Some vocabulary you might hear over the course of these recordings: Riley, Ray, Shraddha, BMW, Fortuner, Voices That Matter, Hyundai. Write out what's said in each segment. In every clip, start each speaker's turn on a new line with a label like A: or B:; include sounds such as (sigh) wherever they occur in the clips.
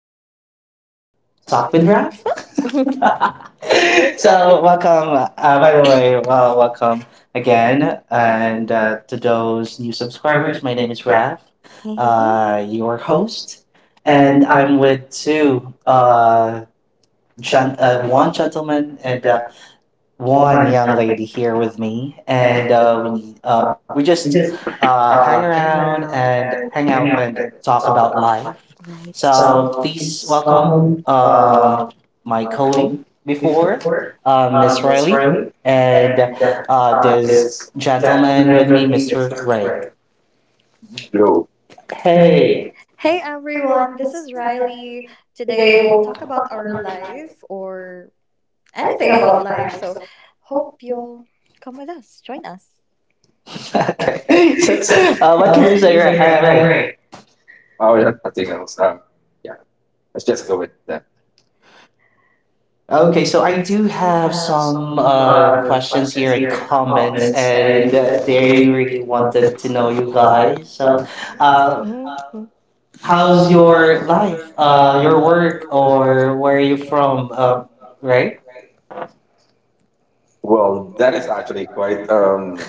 A: main
B: Talk
A: topic.
B: with
A: Right?
B: Raf.
C: (laughs) right.
B: (laughs)
A: (laughs) so
B: So
A: uh,
B: welcome, by
A: I
B: the
A: would
B: way,
A: like
B: welcome
A: again,
B: again, and
A: and
B: uh, to those new subscribers,
A: Herman
B: my name
A: in
B: is
A: back,
B: Raf,
C: Hey, hey, hey.
B: your host, and
A: and I'm
B: I'm
A: with
B: with
A: two,
B: two,
A: uh,
B: uh, gen- uh, one
A: one gentleman
B: gentleman
A: and
B: and one
A: one
B: young
A: young lady
B: lady here
A: now,
B: with me, and
A: and uh,
B: we
A: we just
B: just hang
A: hang
B: around
A: around
B: and
A: and
B: hang
A: hang
B: out
A: out
B: and
A: and
B: talk
A: talk.
B: about life. So
A: So
C: Right.
B: please
A: please
B: welcome
A: welcome
B: my colleague
A: Cody
B: before
A: Ford,
B: Miss
A: Miss
B: Riley
A: Riley.
B: and
A: And
B: this
A: this
B: gentleman with
A: gentleman with
B: me,
A: me,
B: Mr.
A: Mr.
B: Ray.
A: Gray. Hello.
B: Hey.
A: Hey,
C: Hey everyone,
A: everyone.
C: this is Riley. Today
A: Today
C: we'll
A: we'll
C: talk about
A: talk
C: our
A: about diet.
C: life or anything about
A: About think.
C: life. So hope you'll come with us, join us.
B: (laughs) Okay.
A: Okay. (laughs)
B: So,
A: so uh,
B: what
A: what
B: can
A: did
B: you
A: you say?
B: say, Ray?
A: You're
B: Ray?
A: Gray. Oh, yeah, nothing else. Yeah, let's just go with that. Okay,
B: Okay, so
A: so
B: I
A: I
B: do
A: do
B: have
A: have some
B: some questions
A: questions
B: here
A: here
B: and
A: and
B: comments,
A: comments, and
B: and they
A: they really
B: really
A: want to
B: wanted to know you
A: buy
B: guys. So,
A: some
B: uh,
C: Mhm.
B: how's
A: how's
B: your life, your
A: your
B: work,
A: work
B: or
A: or
B: where are
A: where
B: you
A: you
B: from?
A: from?
B: Right?
A: Right? Well, that is actually quite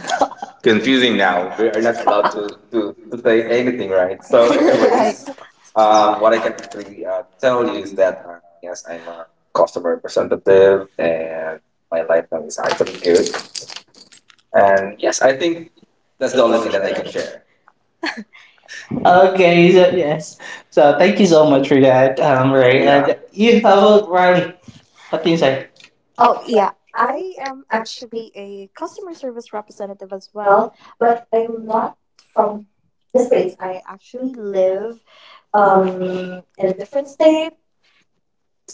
A: confusing now. We are not allowed to say anything, right? So,
C: (laughs) right.
A: what I can actually tell you is that, yes, I'm a customer representative and my life now is actually good. And yes, I think that's the only thing that I can share.
B: Okay,
A: Okay,
B: so
A: so,
B: yes. So,
A: so
B: thank
A: thank
B: you
A: you
B: so
A: so
B: much
A: much
B: for
A: for
B: that,
A: that.
B: Ray.
A: Right? Yeah.
B: And you,
A: You
B: how
A: how
B: about
A: about
B: Riley?
A: from
B: What can you
A: you
B: say?
A: say?
C: Oh, yeah. I am actually a customer service representative as well,
A: Well,
C: but
A: but I mean,
C: I'm not
A: not
C: from
A: this
C: this
A: way.
C: place. I actually live
A: Um,
C: in a
A: (laughs)
C: different state.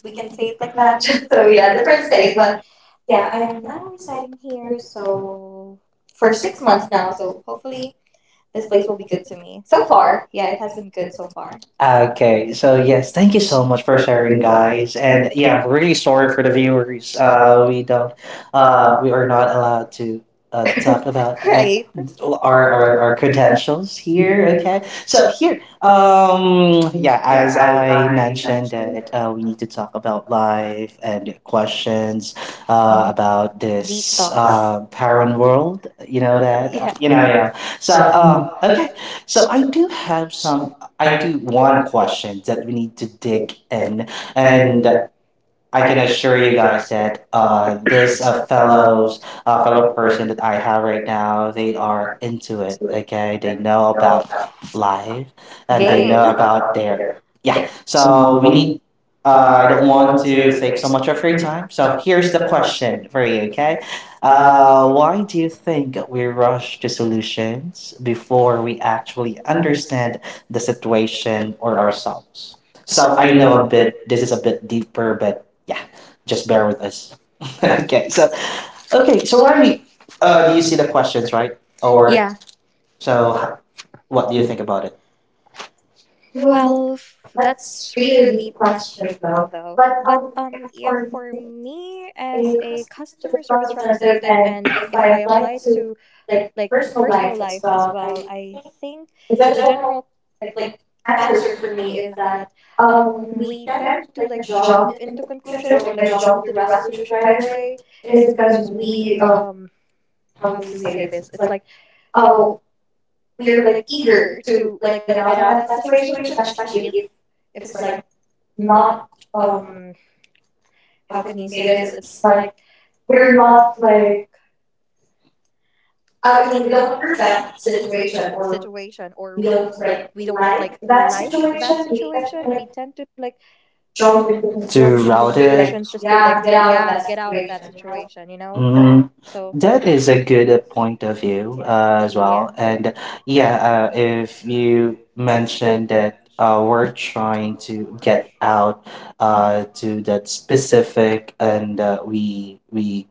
C: We can say it like
A: yeah,
C: that. (laughs) so, yeah,
A: the
C: different
A: first day,
C: state. But
A: but yeah,
C: yeah, I
A: I'm
C: am
A: not
C: now residing here. So, for 6 months now. So, hopefully, this place will be good to me. So
A: so far.
C: far, yeah, it has been good so far.
A: Okay,
B: Okay, so yes, thank you so much for
A: for
B: sharing,
A: every
B: guys.
A: night,
B: And
A: and
B: yeah,
A: yeah,
B: I'm really sorry for the viewers.
A: um,
B: We
A: we
B: are not allowed to talk
C: (laughs)
B: about
C: right?
B: our,
A: are
B: our
A: our
B: our
A: architect
B: credentials here.
A: here, I
B: Okay,
A: guess.
B: so
A: So,
B: here, yeah,
A: yeah,
B: as
A: as
B: I
A: I
B: mentioned
A: mentioned,
B: that
A: uh,
B: we need to talk about life and
A: but,
B: questions
A: uh,
C: Mhm.
A: uh,
B: about
C: Deep
B: this
A: it's,
C: talks.
B: parent
A: um,
B: world. You know that
C: Yeah.
B: you
A: you
B: know
A: know,
B: you
A: you know,
B: know. So uh,
A: so
B: okay, so I do have some. I
A: I
B: do one
A: want
B: question that we need to dig in,
A: and
B: and I
A: I
B: can
A: can
B: assure
A: assure
B: you
A: you
B: guys
A: guys
B: that
A: that,
B: uh, this
A: there's
B: uh,
A: a fellow,
B: fellows, uh, fellow
A: fellow
B: person
A: person
B: that I have right
A: right
B: now, they
A: now.
B: are into
A: To
B: it.
A: it, and
B: Okay, they
A: you
B: know
A: know about,
B: about life,
A: that
B: and they
A: they know
B: know
C: Game. (laughs)
B: about
A: about
B: their,
A: there.
B: yeah.
A: Yeah, so
B: So we need.
A: we,
B: I don't want
A: want
B: to
A: to
B: take
A: thank
B: so
A: so
B: much
A: much
B: of
A: for
B: your
A: your time,
B: time. So
A: so
B: here's
A: here's
B: the
A: the question
B: question for
A: for
B: you.
A: you,
B: Okay,
A: okay?
B: why
A: What
B: do
A: do
B: you
A: you think
B: think
A: that
B: we
A: you wrote
B: rush to solutions before we actually understand the situation or
A: for us?
B: ourselves? So
A: So
B: I
A: I
B: know
A: know
B: a
A: a bit,
B: bit. This is a bit deeper, but yeah, just
A: just
B: bear with
A: there. (laughs)
B: us. (laughs) okay, so okay,
A: Okay,
B: so
A: so why,
B: Riley, do
A: do
B: you
A: you
B: see the
A: see the
B: questions,
A: question,
B: right? Or
A: or,
C: Yeah.
B: so, h-
A: so,
B: what do
A: what
B: you
A: do you
B: think
A: think
B: about
A: about
B: it?
A: it? Well, that's
C: That's really a
A: really the
C: deep
A: question
C: question
A: though,
C: though.
A: but
C: But yeah,
A: for
C: for
A: me,
C: me as
A: a
C: a
A: customer
C: customer
A: service
C: service
A: representative
C: representative,
A: and
C: and
A: if I
C: if I
A: apply
C: apply
A: to
C: to
A: like
C: like
A: personal
C: personal
A: life
C: life
A: as
C: as
A: well,
C: well, I think
A: is
C: the
A: that
C: general
A: like
C: like
A: answer?
C: answer for me is that
A: We
C: we
A: can
C: tend to
A: like
C: like
A: job
C: jump
A: in the
C: into
A: trip,
C: conclusions or
A: like
C: like
A: job in
C: jump to
A: the
C: the
A: resolution
C: resolution
A: right
C: right away.
A: away, is
C: It is
A: because
C: because
A: we
C: we how do we say this? It's like
A: uh,
C: uh
A: we're
C: we are
A: like
C: like
A: eager
C: eager
A: to
C: to
A: like
C: like
A: get
C: get
A: out of
C: out of
A: that
C: that
A: situation,
C: situation,
A: especially
C: especially
A: if
C: if
A: it's
C: it's
A: like
C: like
A: not
C: not
A: um,
C: um how can you say this,
A: it's,
C: it's
A: like
C: like
A: we're
C: we're not
A: not like
C: like
A: I
C: I
A: mean,
C: mean
A: we
C: we don't
A: don't hurt
C: approve that
A: that situation
C: situation,
A: or
C: or we
A: we
C: don't
A: don't break
C: like that
A: that situation.
C: situation. We tend to like jump
A: Jump
C: into
A: into, who-
B: Too
C: conclusions just to like
B: routed.
C: yeah
A: yeah,
C: get
A: get
C: out
A: out
C: of
A: of that
C: that
A: situation.
C: situation, you know. So
B: Mm, that
A: It's
B: is a
A: a
B: good
A: good,
B: point of view
C: yeah.
B: as well.
A: uh,
B: And
A: yeah,
B: yeah,
A: it
B: if you
A: mentioned
B: mentioned
A: that,
B: that we're trying to
A: that
B: get out
C: Mm-hmm.
B: to that
A: specific,
B: specific, and we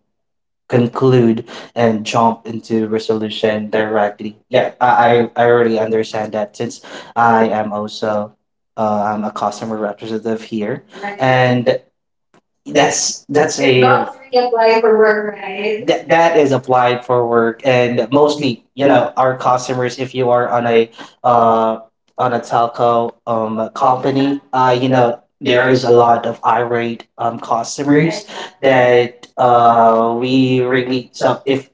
A: and
B: conclude
A: that
B: and jump into
A: they're
B: resolution
A: right.
B: directly.
A: Yeah,
B: Yeah,
A: I,
B: I, I
A: I
B: I
A: already
B: really understand that since I
A: understand,
B: am
A: so,
B: also I'm a customer representative
C: Hmm,
B: here, right.
C: right.
A: and
B: And that's
A: that's
C: It
A: a,
B: a,
A: not
C: does really apply
A: apply
C: for
A: for
C: work,
A: work,
C: right?
A: right?
B: right,
A: That
B: that that
A: that
B: is
A: is applied
B: applied
A: for
B: for work.
A: work. And
B: And
A: most people,
B: mostly, you
A: yeah,
B: know, our
A: our cost service
B: customers,
A: if
B: if
A: you
B: you are
A: are
B: on a,
A: uh,
B: uh
A: on
B: on a
A: a telecom,
B: telco
A: topic,
C: Yeah,
B: company,
A: you
B: you know,
A: know,
B: there
A: there
B: is
A: is
B: a
A: a
B: lot
A: lot of
B: of
A: fiber
B: irate
A: service
B: customers
C: exactly.
A: that,
B: that,
A: we
B: we
A: really,
B: really,
A: so
B: so if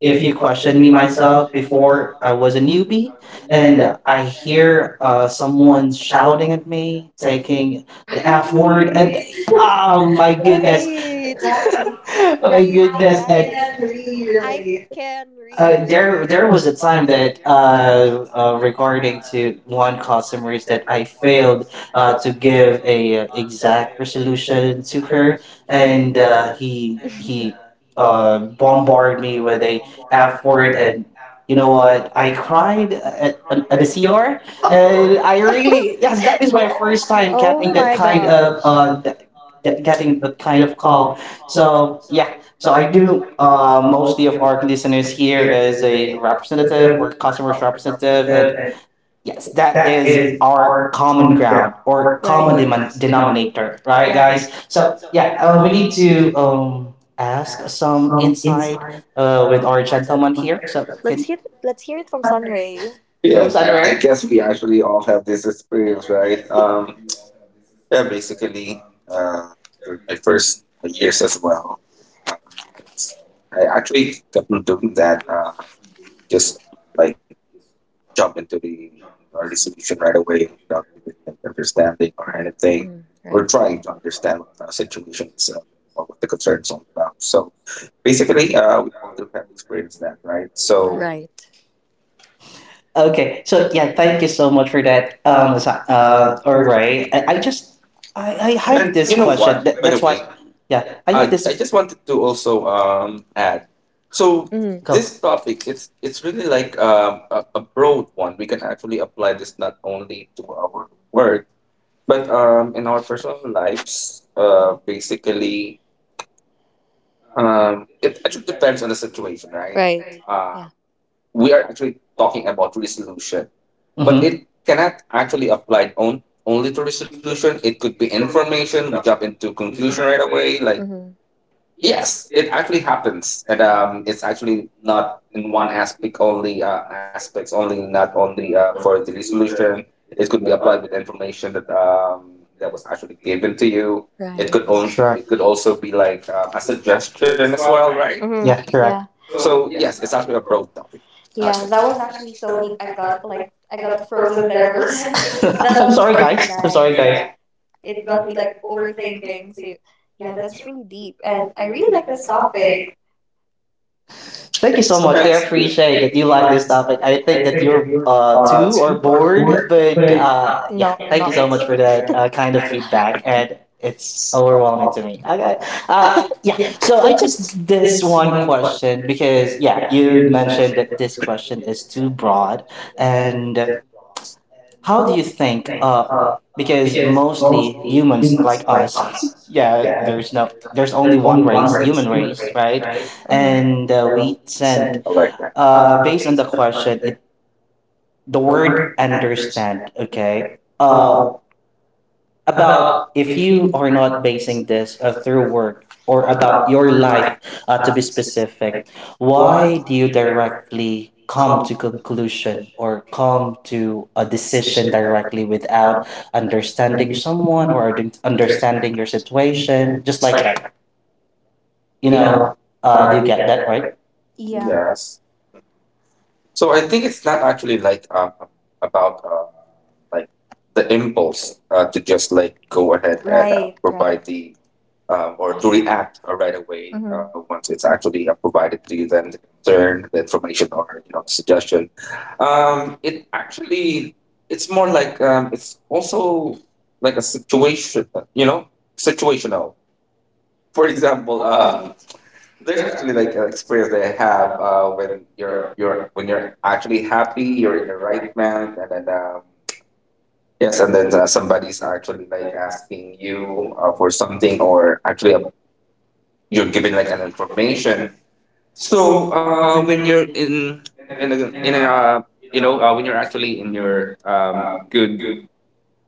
A: if
B: if you
A: you questioned
B: question
A: me
B: me
A: myself
B: myself before
A: before
B: I
A: I was
B: was a
A: in UP,
B: newbie and
A: and
B: I
A: I
B: hear
A: hear, someone
B: someone shouting at
A: shouting,
B: me,
A: saying,
B: taking the F word,
A: word,
B: and
C: Right. (laughs)
B: oh my
A: I think
C: Right,
B: goodness.
A: that's,
B: (laughs)
A: that's,
C: exactly.
B: Oh my
C: I
B: goodness.
A: That's
B: And
C: can really relate.
A: really, Uh,
B: uh,
A: there,
B: there, there
A: there was
B: was
A: a
B: a
A: time
B: time
A: that
B: that
A: regarding
B: regarding to one customers that
A: that I
B: I
A: failed
B: failed
A: to
B: to
A: give
B: give
A: a
B: a exact
A: direction
B: resolution
A: to
B: to her,
A: her and
B: and
C: (laughs)
B: uh, he he uh, bombarded
A: bombard
B: me
A: me with
B: with
A: a
B: a F
A: half
B: word,
A: word and
B: and you
A: you
B: know
A: know what
B: what? I
A: I cried.
B: cried at,
A: And
B: at, the CR,
A: (laughs)
B: and I really, yes, that is my
A: went
C: oh
B: first
C: my
B: time getting
A: with
B: that
A: that
C: gosh.
A: kind
B: kind of
A: of that-
B: getting
A: the
B: that
A: kind
B: kind of
A: of calm.
B: call.
A: So,
B: So yeah,
A: so
B: so I
A: I do
B: do
A: mostly
B: mostly of
A: of
B: our
A: our
B: listeners
A: business here
B: here
A: as
B: is a
A: a
B: representative
A: representative
B: or
A: or customer
B: customer's representative,
A: representative and
B: and yes, that
A: that is
B: is our
A: our
B: common
A: common ground
B: ground or
A: or
B: common
A: common
C: Right.
B: denominator,
A: denominator,
B: right,
A: right,
C: Yeah.
B: guys?
A: guys?
B: So
A: So
B: yeah,
A: yeah,
B: we
A: we
B: need
A: need
B: to
A: to
B: ask
A: ask
B: some
A: inside
B: insight with
A: with
B: our
A: our
B: gentleman
A: gentleman.
B: here. So
C: Let's hear
B: can
C: let's hear it from Sunray.
B: go
A: Yeah, I
B: somewhere.
A: guess we actually all have this experience, right? Yeah, basically, uh, during my first years as well, uh, I actually kept on doing that, just like jump into the resolution right away without even understanding or
C: Mm,
A: anything.
C: right.
A: We're trying to understand what the situation is or what the concern is all about. So basically, we all do have experienced that, right? So
C: Right.
B: Okay,
A: okay,
B: so
A: so
B: yeah,
A: yeah,
B: thank you
A: thank you
B: so
A: so
B: much
A: much
B: for
A: for
B: that.
A: that,
B: All
A: For
B: right,
A: writing.
B: I, I
A: And
B: just I, I
A: And
B: have
A: you
B: this
A: know what?
B: question.
A: By
B: That,
A: the
B: that's
A: way,
B: why, yeah,
A: yeah.
B: I have
A: I
B: this.
A: just wanted to also add. So
C: Mm,
B: Go.
A: this topic it's really like a broad one. We can actually apply this not only to our work, but in our personal lives. Basically, it actually depends on the situation, right? Right.
C: right. Yeah.
A: We are actually talking about resolution, but
B: Because
A: it cannot actually apply on only to resolution. It could be information. We jump into conclusion right away, like
C: Hmm.
A: yes, it actually happens, and it's actually not in one aspect only. Aspects only, not only for the resolution. It could be applied with the information that that was actually given to you. It could
C: Right.
A: also
B: correct,
A: it could also be like a suggestion as well, right?
C: Hmm.
B: correct.
C: Yeah.
A: So yes, it's actually a broad topic.
C: Yeah.
A: Actually.
C: That was actually so
A: (laughs)
C: deep. I got frozen there for a (laughs)
B: (laughs)
C: second.
B: (laughs)
C: That
B: I'm
C: was
B: sorry,
C: really
B: guys. I'm sorry,
C: nice.
B: guys.
C: Yeah. It got me like overthinking. So yeah, that's really deep, and I really like this topic.
B: Thank you so much. I
A: Okay.
B: appreciate that you like
A: Line
B: this
A: is
B: topic.
A: not,
B: I
A: I
B: think that
A: think if
B: you're
A: you're
B: too or
A: to
B: bored, but
A: but uh
B: yeah.
C: No,
B: Thank you
C: not.
B: so much for
C: (laughs)
B: that kind of
A: kind of
B: feedback, and it's overwhelming to
A: small.
B: me. Okay. Uh
A: Um
B: yeah.
A: yeah,
B: So I
A: so I
B: just
A: just
B: this
A: this
B: one
A: one
B: question
A: question
B: because
A: because
B: yeah, you
A: you
B: mentioned that
A: mentioned
B: this question is too broad,
A: and
B: and
A: the
B: how do you
A: how do you
B: think?
A: think
B: Because
A: because most
B: mostly humans like
A: humans like
B: us,
A: us,
B: (laughs) yeah,
A: yeah,
B: there's no, there's only
A: there's only
B: one
A: one
B: race,
A: race,
B: human
A: human
B: race,
A: race,
B: right?
A: right?
C: Mhm.
A: And
B: And we
A: so
B: tend,
A: send electric.
B: based on the
A: Based on the
B: question,
A: question,
B: it the
A: the
B: word
A: word understand,
B: understand. Okay.
A: okay,
B: Uh,
A: uh, about
B: about if
A: if
B: you
A: you
B: are
A: are
B: not
A: not
B: basing this through work or about
A: about
B: your
A: your life,
B: life, to
A: about
B: be specific,
A: why
B: why do you directly come
A: common
B: to conclusion or
A: of
B: come to a decision
A: decision that like
B: directly without
A: have
B: understanding
A: understanding
B: someone
A: someone
B: or
A: or
B: understanding
A: understanding
B: your
A: the
B: situation
A: situation,
B: just
A: just
B: like
A: like
B: that,
A: that.
B: you
A: You
B: know,
A: know,
B: do you
A: you
B: get
A: get
B: that, right?
C: Yeah.
A: yes. So I think it's not actually like about like the impulse to just like go ahead and provide the or to react right away once it's actually provided to you, then the concern, the information, or you know, the suggestion. It actually, it's more like it's also like a situation, you know, situational. For example, (laughs) there's actually like an experience that I have when you're when you're actually happy, you're in your right mind, and then yes, and then somebody's actually like asking you for something or actually you're given like an information so when you're in a you know when you're actually in your good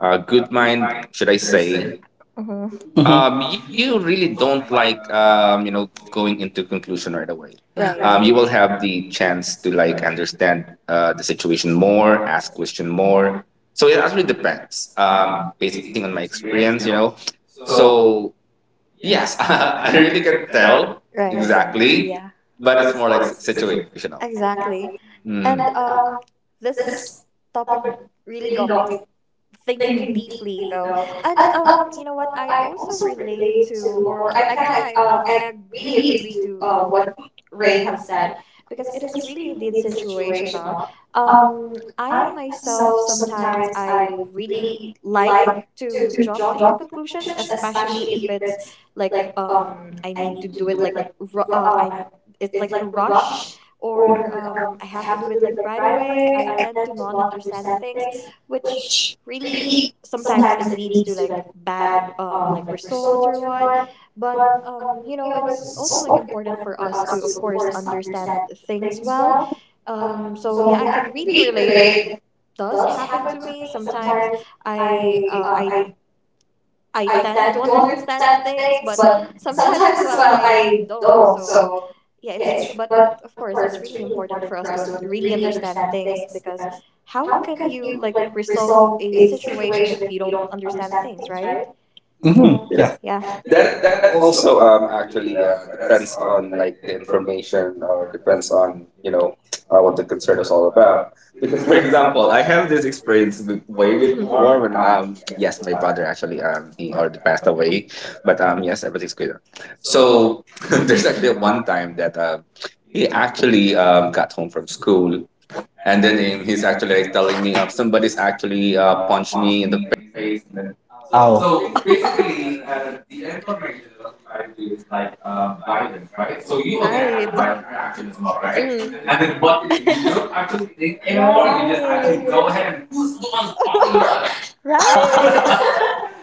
A: good mind should I say
C: Mm-hmm.
B: Mm-hmm.
A: you really don't like you know going into conclusion right away you will have the chance to like understand the situation more ask question more so it actually depends basing on my experience you know so yes (laughs) I really can tell exactly
C: Yeah.
A: but it's more like situational.
C: Exactly.
A: Mhm.
C: And this
A: Just
C: topic really got me thinking
A: thinking
C: deeply though. And
A: that
C: you know what, I also relate to, or I can I really
A: is
C: agree to what Ray
A: way
C: have said, because it is really indeed situational.
A: of
C: um
A: my
C: I myself sometimes I really like to jump
A: job.
C: into conclusions, especially if it's like I need to do it like I, it's like a rush, or I have to do it like right away. I tend to not understand things, which really sometimes it leads to like bad like results or what. But you know, it's also like important for us to of course understand things well. So yeah, I can really relate. It does happen to me sometimes. I I tend to understand things, but sometimes as well I don't. So yeah, it's but of course it's really important for us to really understand things, because how can you like resolve a situation if you don't understand things, right? So
B: Mm-hmm. Yeah.
C: yeah. Mhm.
B: Oh.
C: (laughs) well, right? (laughs) (laughs) Right. Right. right
B: (laughs)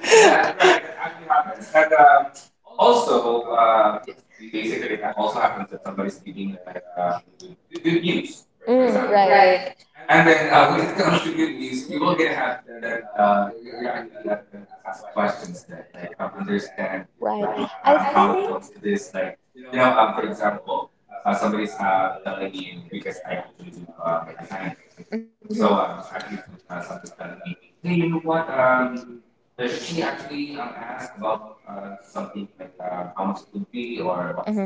C: right. Right. Hmm. Asked. Hmm.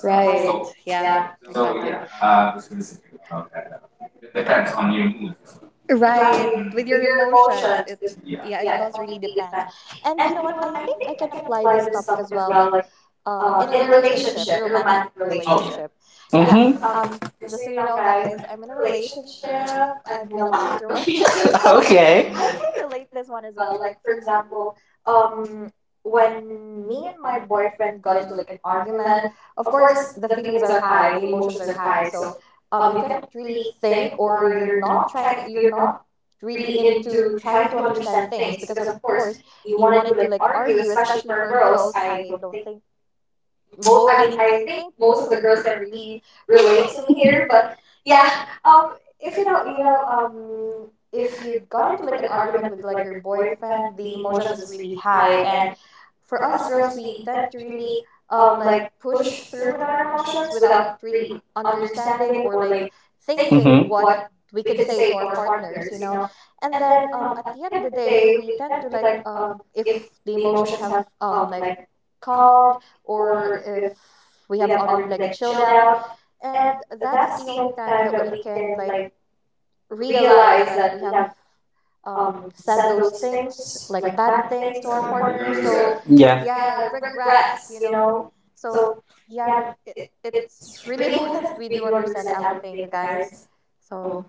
C: Right. Yeah. Exactly. That. Right. With your emotions. It Yeah, it does really depends. And you know what? I think I can apply this topic as well, like in a relationship, a romantic relationship. Yeah. Um,
B: Mm-hmm.
C: just so you know guys, I'm in a relationship. I'm in a long term (laughs) relationship, so
B: Okay. (laughs)
C: I can relate this one as well. Like for example, um when me and my boyfriend got into like an argument, of course the feelings are high, the emotions are high. So you can't really think, or you're not really into trying to understand things, because of course you wanted to like argue, especially for girls. I don't think I mean, I think most of the girls can really relate to me here. But yeah, um, if you know, you know, if you got into like an argument with like your boyfriend, the emotions is really high, and for us girls, we tend to really like push through with our emotions, without really understanding or like thinking
B: Mm-hmm.
C: what we could say to our partners, you know. And then at the end of the day, we tend to like if the emotions have like calmed, or if we have already like chilled out, and that's the only time that we can like realize that we have said those things, like bad things to our partner. So
B: Yeah.
C: yeah, regrets, you know. So yeah, it, it's really (laughs) important that we do understand everything, you guys. So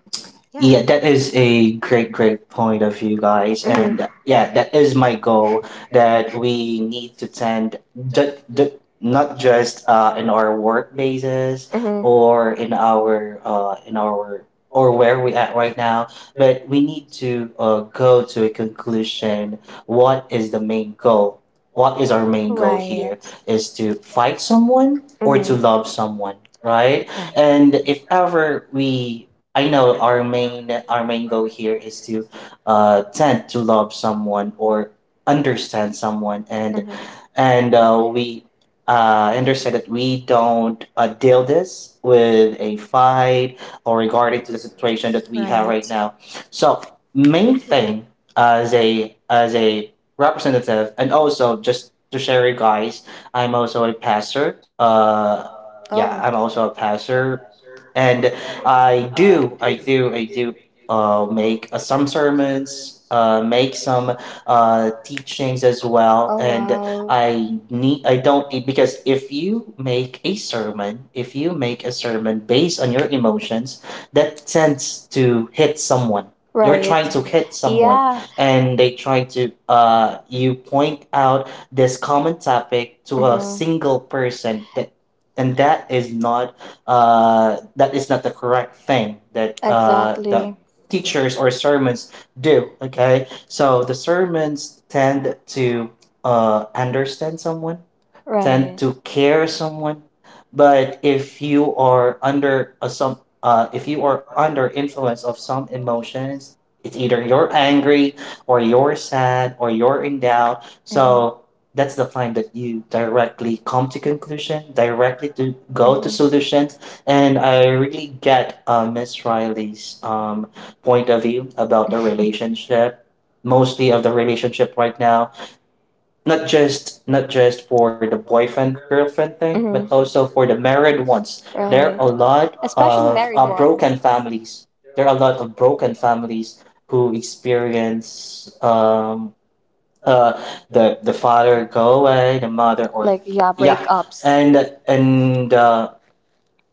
C: yeah.
B: Yeah, that is a great, great point of view, guys.
C: Mhm,
B: And yeah, that is my goal, that we need to tend, not just in our work basis,
C: mhm.
B: or in our, or where we at right now, but we need to go to a conclusion. What is the main goal? What is our main goal here?
C: Right.
B: Is to fight someone or to
C: Mhm.
B: love someone, right? And
C: Right.
B: if ever we, I know our main, our main goal here is to tend to love someone or understand someone, and
C: Mhm.
B: and uh, we uh, understand that we don't deal this with a fight, or regarding to the situation that we have right now. So main thing, as a representative, and also just to share you guys, I'm also a pastor.
C: Oh.
B: Yeah, I'm also a pastor, and I do. Make some sermons, make some teachings as well, and I don't need, because if you make a sermon, if you make a sermon based on your emotions, that tends to hit someone. You're trying to hit someone
C: Yeah.
B: and they try to you point out this common topic to a
C: Mhm.
B: single person that, and that is not the correct thing that teachers or sermons do. Okay, so the sermons tend to understand someone, tend to care someone. But if you are under a some if you are under influence of some emotions, it's either you're angry or you're sad or you're in doubt. So that's the time that you directly come to conclusion, directly to go to solutions. And I really get Miss Riley's point of view about the relationship. Mostly of the relationship right now, not just for the boyfriend girlfriend thing, but also for the married ones. There are a lot of broken families. There are a lot of broken families who experience uh the father go away, the mother, or yeah, and and uh,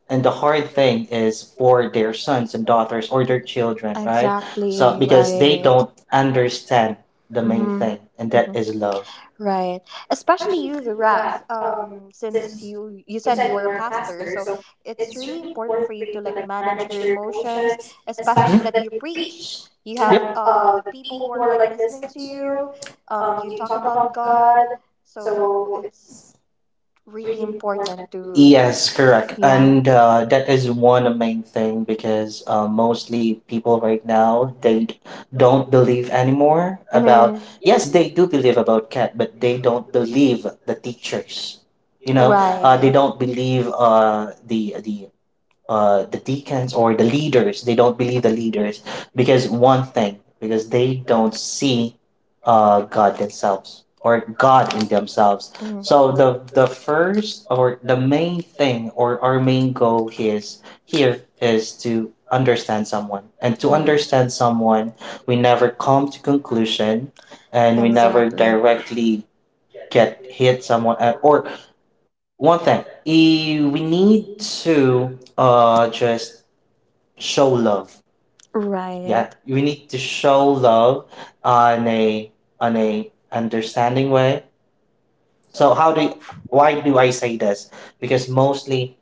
B: and the hard thing is for their sons and daughters or their children, right?
C: Exactly.
B: So because they don't understand the main
C: Mhm.
B: thing, and that
C: Mhm.
B: is love.
C: Right. Especially you, the ref. Since you said you were a pastor, so it's really important for you to like manage your emotions, especially that you preach. You have
B: Yep.
C: the people who are like listening to you, you talk about God, so it's really important to.
B: Yes, correct.
C: Yeah.
B: And that is one main thing, because mostly people right now they don't believe anymore about,
C: Mhm.
B: yes, they do believe about cat, but they don't believe the teachers. You know, they
C: Right.
B: don't believe the the deacons or the leaders, they don't believe the leaders because one thing, because they don't see God themselves or God in themselves.
C: Mhm.
B: So the first or the main thing or our main goal is here is to understand someone. And to understand someone, we never come to conclusion and we never directly get hit someone, or one thing, we need to just show love.
C: Right.
B: Yeah, we need to show love on a on a understanding way. So how do why do I say this? Because mostly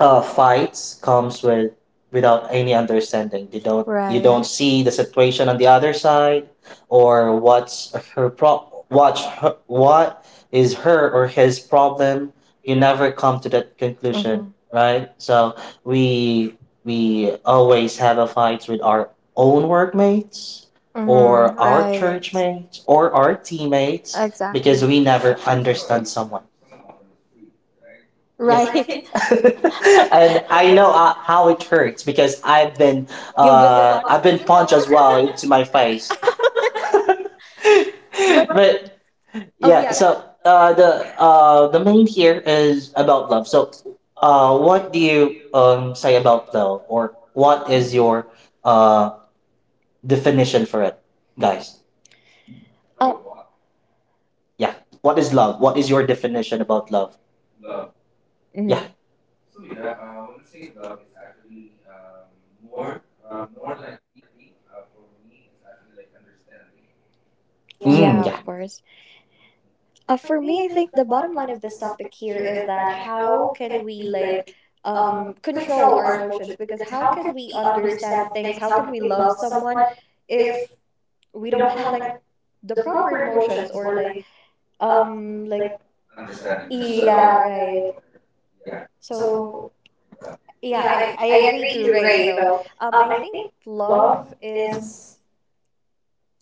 B: fights comes with, without any understanding. They don't, you don't see the situation on the other side, or what's her pro what's her, what is her or his problem. You never come to that conclusion,
C: Mhm.
B: right? So we we always have a fight with our own workmates
C: Mhm.
B: or our church mates or our teammates
C: Exactly.
B: because we never understand someone. Yeah.
C: Right.
B: (laughs)
C: (laughs)
B: And I know how it hurts because
C: You've been
B: I've
C: punched too
B: been punched
C: before?
B: as well into my face. (laughs) But
C: (laughs) but oh
B: yeah,
C: yeah.
B: so the main here is about love. So what do you say about love, or what is your uh, definition for it, guys?
C: Uh,
B: Yeah, what is love? What is your definition about love?
C: mhm.
B: Yeah.
C: Yeah, of
B: Mm, yeah.
C: course. For me, I think the bottom line of this topic here is that how can we like control our emotions, because how can we understand things? How can we love someone if we don't have like the proper emotions, or like yeah, right. So yeah, I agree to Ray though. I think love is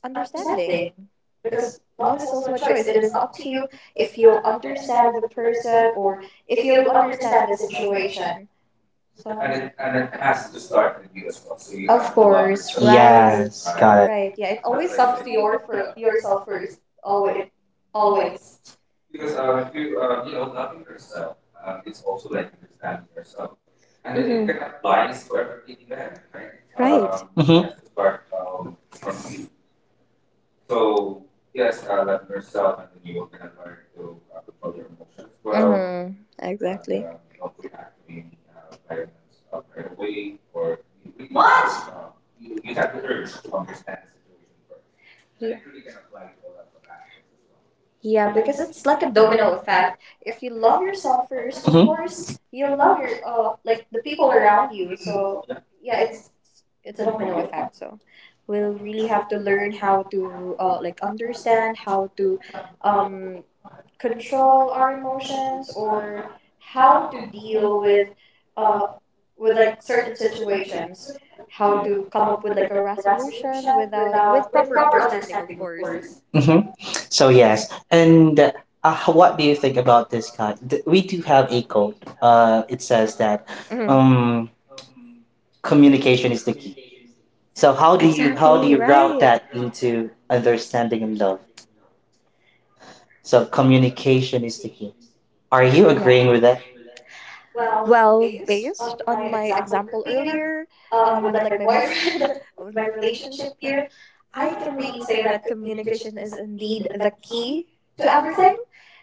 C: understanding, because love is also a choice. It is up to you if you'll understand the person, or if you'll understand the situation. So of course, right.
B: Yes, got
C: Right,
B: it.
C: yeah, it always comes to your for yourself first. always it Always.
B: Mm-hmm.
C: Yeah, because it's like a domino effect. If you love yourself first, of
B: Mm-hmm.
C: course, you'll love your like the people around you. So yeah, it's a domino effect. So will really have to learn how to like understand how to um, control our emotions, or how to deal uh, with like certain situations, how to come up with like a resolution without with proper understanding of course.
B: Mm-hmm. So yes, and what do you think about this guy? We do have a quote. It says
C: Mhm.
B: that um, communication is the key. So how do
C: Exactly,
B: you how do you
C: right.
B: route that into understanding and love? So communication is the key. Are
C: Right.
B: you agreeing with that?
C: Well, based on my example earlier, with like my boyfriend, (laughs) with my relationship here, I can really say that communication is indeed the key to everything.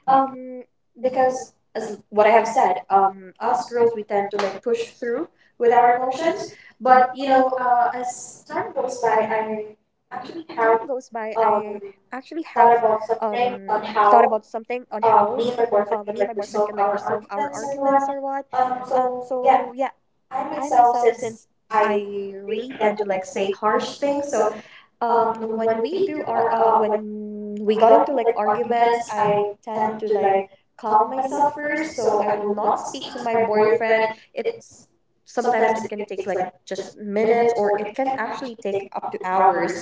C: Um, because as what I have said, us girls we tend to like push through with our emotions, but you know, as time goes by, I actually have thought about something on how me and my boyfriend can like resolve our arguments or what. So yeah, I myself, since I really tend to like say harsh things, so when we do our when we got into like arguments, I tend to like calm myself first, so I will not speak to my boyfriend. It's Sometimes it can take like just minutes, or it can actually take up to hours.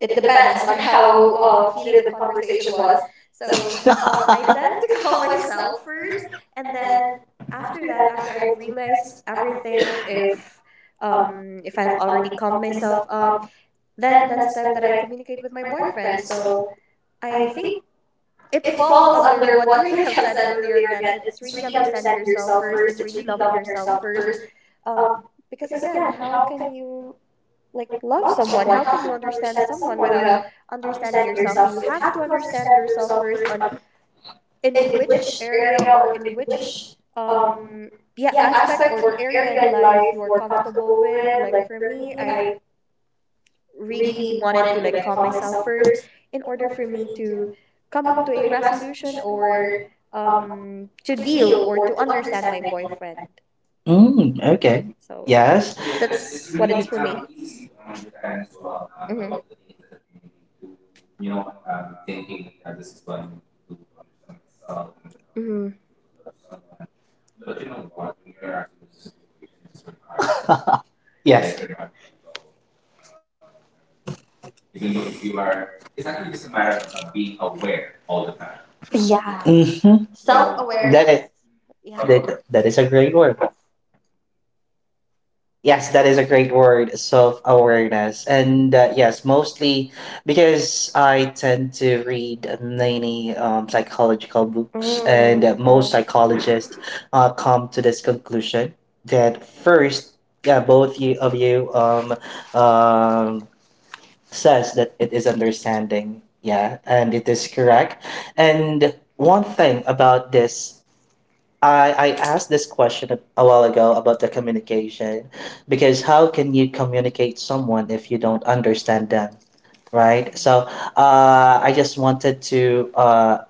C: It depends on how heated the conversation was. So I tend to (laughs)
B: (laughs)
C: calm myself first, and then after that, after I have realized everything, if I have already calmed myself up, then that's time that I communicate with my boyfriend. So I think it falls under what (laughs) you have said earlier. Again, it's really understanding yourself first. It's really loving yourself first. Um, because again, how can you like love someone, how can you understand someone without understanding yourself? You have to understand yourself first on in which area, or in which um yeah, aspect or area in life you are comfortable with. Like for me, I really wanted to like calm myself first, in order for me to come up to a resolution, or to deal or to understand my boyfriend.
B: Mm, okay.
C: So
B: Yes.
C: how. Hmm.
B: (laughs) Yes. Certified.
C: Yeah.
B: Mm-hmm.
C: Self
B: That
C: awareness.
B: is
C: Mm. Yeah.
B: that is a great word. Yes, that is a great word, self awareness. And yes, mostly because I tend to read many psychological books, and most psychologists come to this conclusion that first, yeah, of you um says that it is understanding. Yeah, and it is correct. And one thing about this, I asked this question a while ago about the communication, because how can you communicate someone if you don't understand them, right? So I just wanted to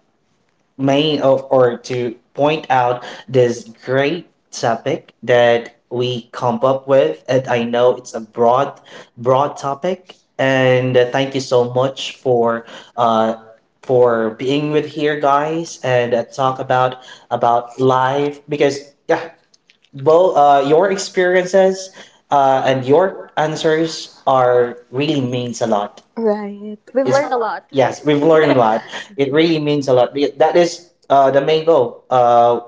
B: main or to point out this great topic that we come up with, and I know it's a broad topic, and thank you so much uh for being with here guys, and talk about life because yeah, both your experiences and your answers are really means a lot.
C: Right. We've a
B: It's Learn a lot.
C: lot.
B: Yes, we've learned a lot. It really means a lot. That is the main goal, uh,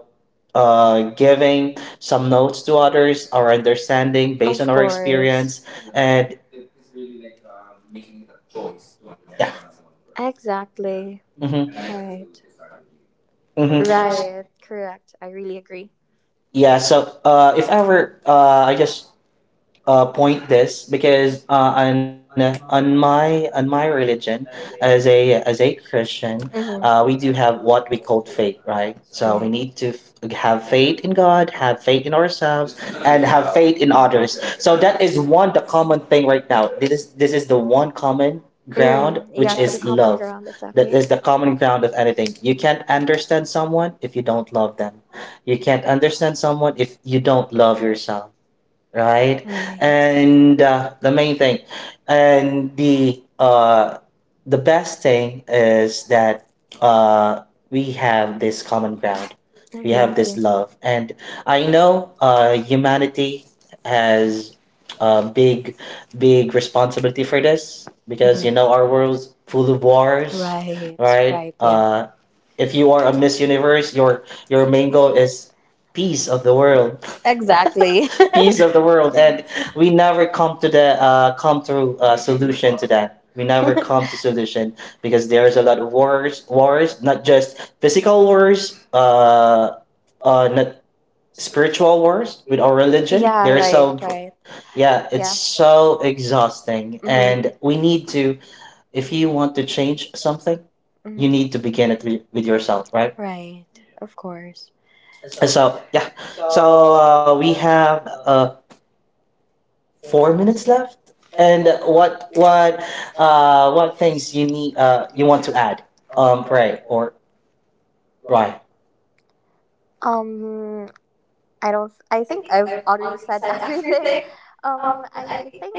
B: uh, giving some notes
C: (laughs)
B: to others, our understanding based on our experience. And yeah.
C: (laughs) Exactly.
B: Mm-hmm,
C: Right.
B: mm-hmm.
C: Right. Correct. I really agree.
B: Yeah, so if ever, I just point this because on my religion, as a Christian, we do
C: Mm-hmm.
B: have what we call faith, right? So we
C: Right.
B: need to have faith in God, have faith in ourselves, and have faith in others. So that is one the common thing right now. This is the one common ground,
C: Mm,
B: which
C: yeah,
B: is
C: the common
B: love.
C: ground,
B: That
C: exactly.
B: is the common ground of anything. You can't understand someone if you don't love them. You can't understand someone if you don't love yourself, right? And
C: Right.
B: uh, the main thing, and the best thing is that uh, we have this common ground. We have this
C: Exactly.
B: love, and I know humanity has a big, big responsibility for this because,
C: Mhm.
B: you know, our world's full of wars,
C: Right,
B: right?
C: right, yeah.
B: If you are a Miss Universe, your main goal is peace of the world. (laughs)
C: Exactly.
B: Peace of the world, and we never come to solution to that. We never
C: (laughs)
B: come to
C: (laughs)
B: solution because there's a lot of wars, not just physical wars, not spiritual wars with our religion.
C: Yeah,
B: There's
C: right,
B: so,
C: right.
B: yeah, it's
C: Yeah.
B: so exhausting.
C: Mhm.
B: And we need to, if you want to change something, you
C: Mm,
B: need to begin it with yourself,
C: to.
B: right?
C: Right. Of course.
B: So yeah. So we have 4 minutes left. And what things you want to add? Pray or right?
C: Um I don't, I think I've already said (laughs) everything. I think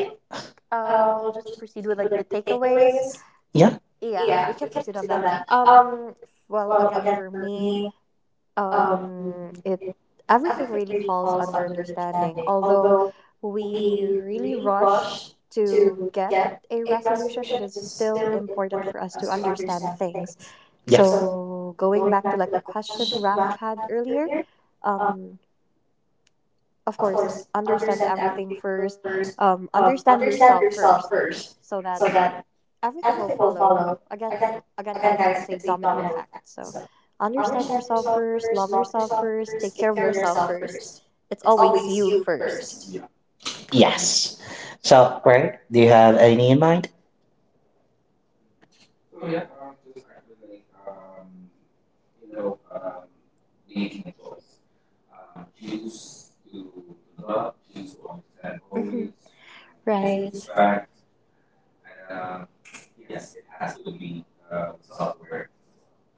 C: we'll just proceed with like the takeaways.
B: Yeah,
C: Yeah, we can proceed on that. Well again for me, it everything really falls under understanding, although we really rush to get a resolution, it is still important for us to understand things.
B: yes,
C: So going back to like the question Raf had earlier, um of course understand everything first, understand yourself first, so that everything will follow. Again, Again, guys, it's a domino effect. So understand yourself first, love yourself first, take care of yourself first. It's always you first.
B: yes. So pray. Do you have any in mind?
C: Um, choose to love, choose to understand. Always. Mhm. Right.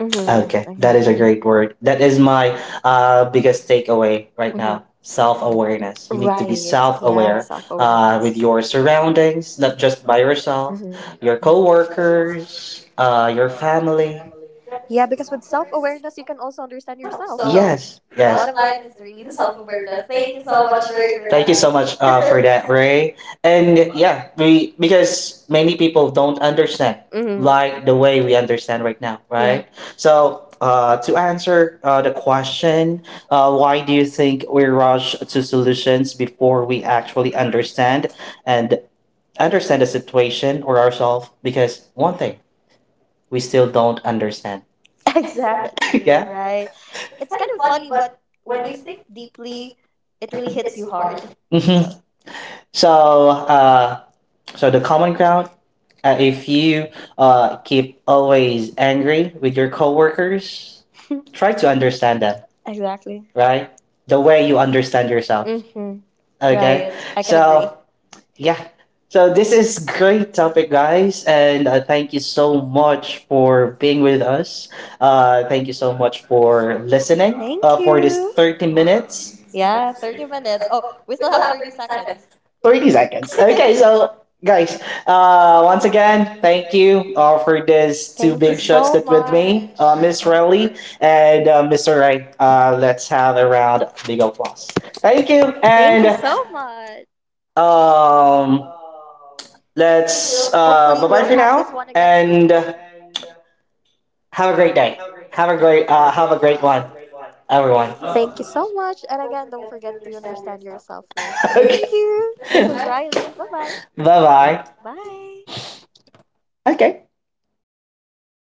C: Mm-hmm.
B: Okay, that is a
C: Exactly.
B: great word. That is my biggest takeaway right
C: Mm-hmm.
B: now. Self awareness. You need to be
C: Right.
B: self
C: Yeah.
B: aware
C: Self
B: with
C: awareness.
B: your surroundings, not just by yourself,
C: Hmm.
B: your coworkers, your family.
C: Yeah, because with self awareness, you can also understand yourself. So,
B: Yes,
C: bottom
B: yes.
C: line is really the self awareness. Thank you so much, Ray, for
B: Thank
C: that.
B: you so much
C: (laughs)
B: for that. (laughs) Ray. And yeah, we because many people don't understand
C: Mhm.
B: like the way we understand right now,
C: Yeah,
B: right? So to answer the question, why do you think we rush to solutions before we actually understand and understand the situation or ourselves? Because one thing we still don't understand.
C: (laughs) exactly,
B: (laughs) Yeah.
C: right? It's kind of funny, but when you think deeply, it really hits you hard.
B: hmm
C: So,
B: So uh, the common ground, if you keep always angry with your coworkers,
C: (laughs)
B: try to understand them,
C: exactly.
B: right? The way you understand yourself.
C: Mm-hmm.
B: Okay.
C: Right. I can agree.
B: So yeah. So this is great topic, guys, and thank you so much for being with us. Thank you so much for listening
C: Thank
B: for this
C: you.
B: 30 minutes.
C: Yeah, 30 minutes. Oh, we still have 30 seconds.
B: 30 seconds. Okay,
C: (laughs)
B: so guys, once again, thank you for these two
C: Thank you
B: big shots
C: so
B: that with me,
C: much.
B: Miss Relly and Mr. Ray. Let's have a round of big applause. Thank you,
C: Thank you. So
B: and
C: much.
B: um,
C: Hopefully, we'll
B: let's,
C: have this one
B: bye bye
C: again
B: for
C: soon.
B: now, and have a great day. Have a great one,
C: Thank
B: everyone.
C: you so much. And again, don't forget to understand yourself first. Thank
B: (laughs) Okay,
C: you. This is Riley. Bye-bye.
B: bye bye.
C: Bye.
B: Okay.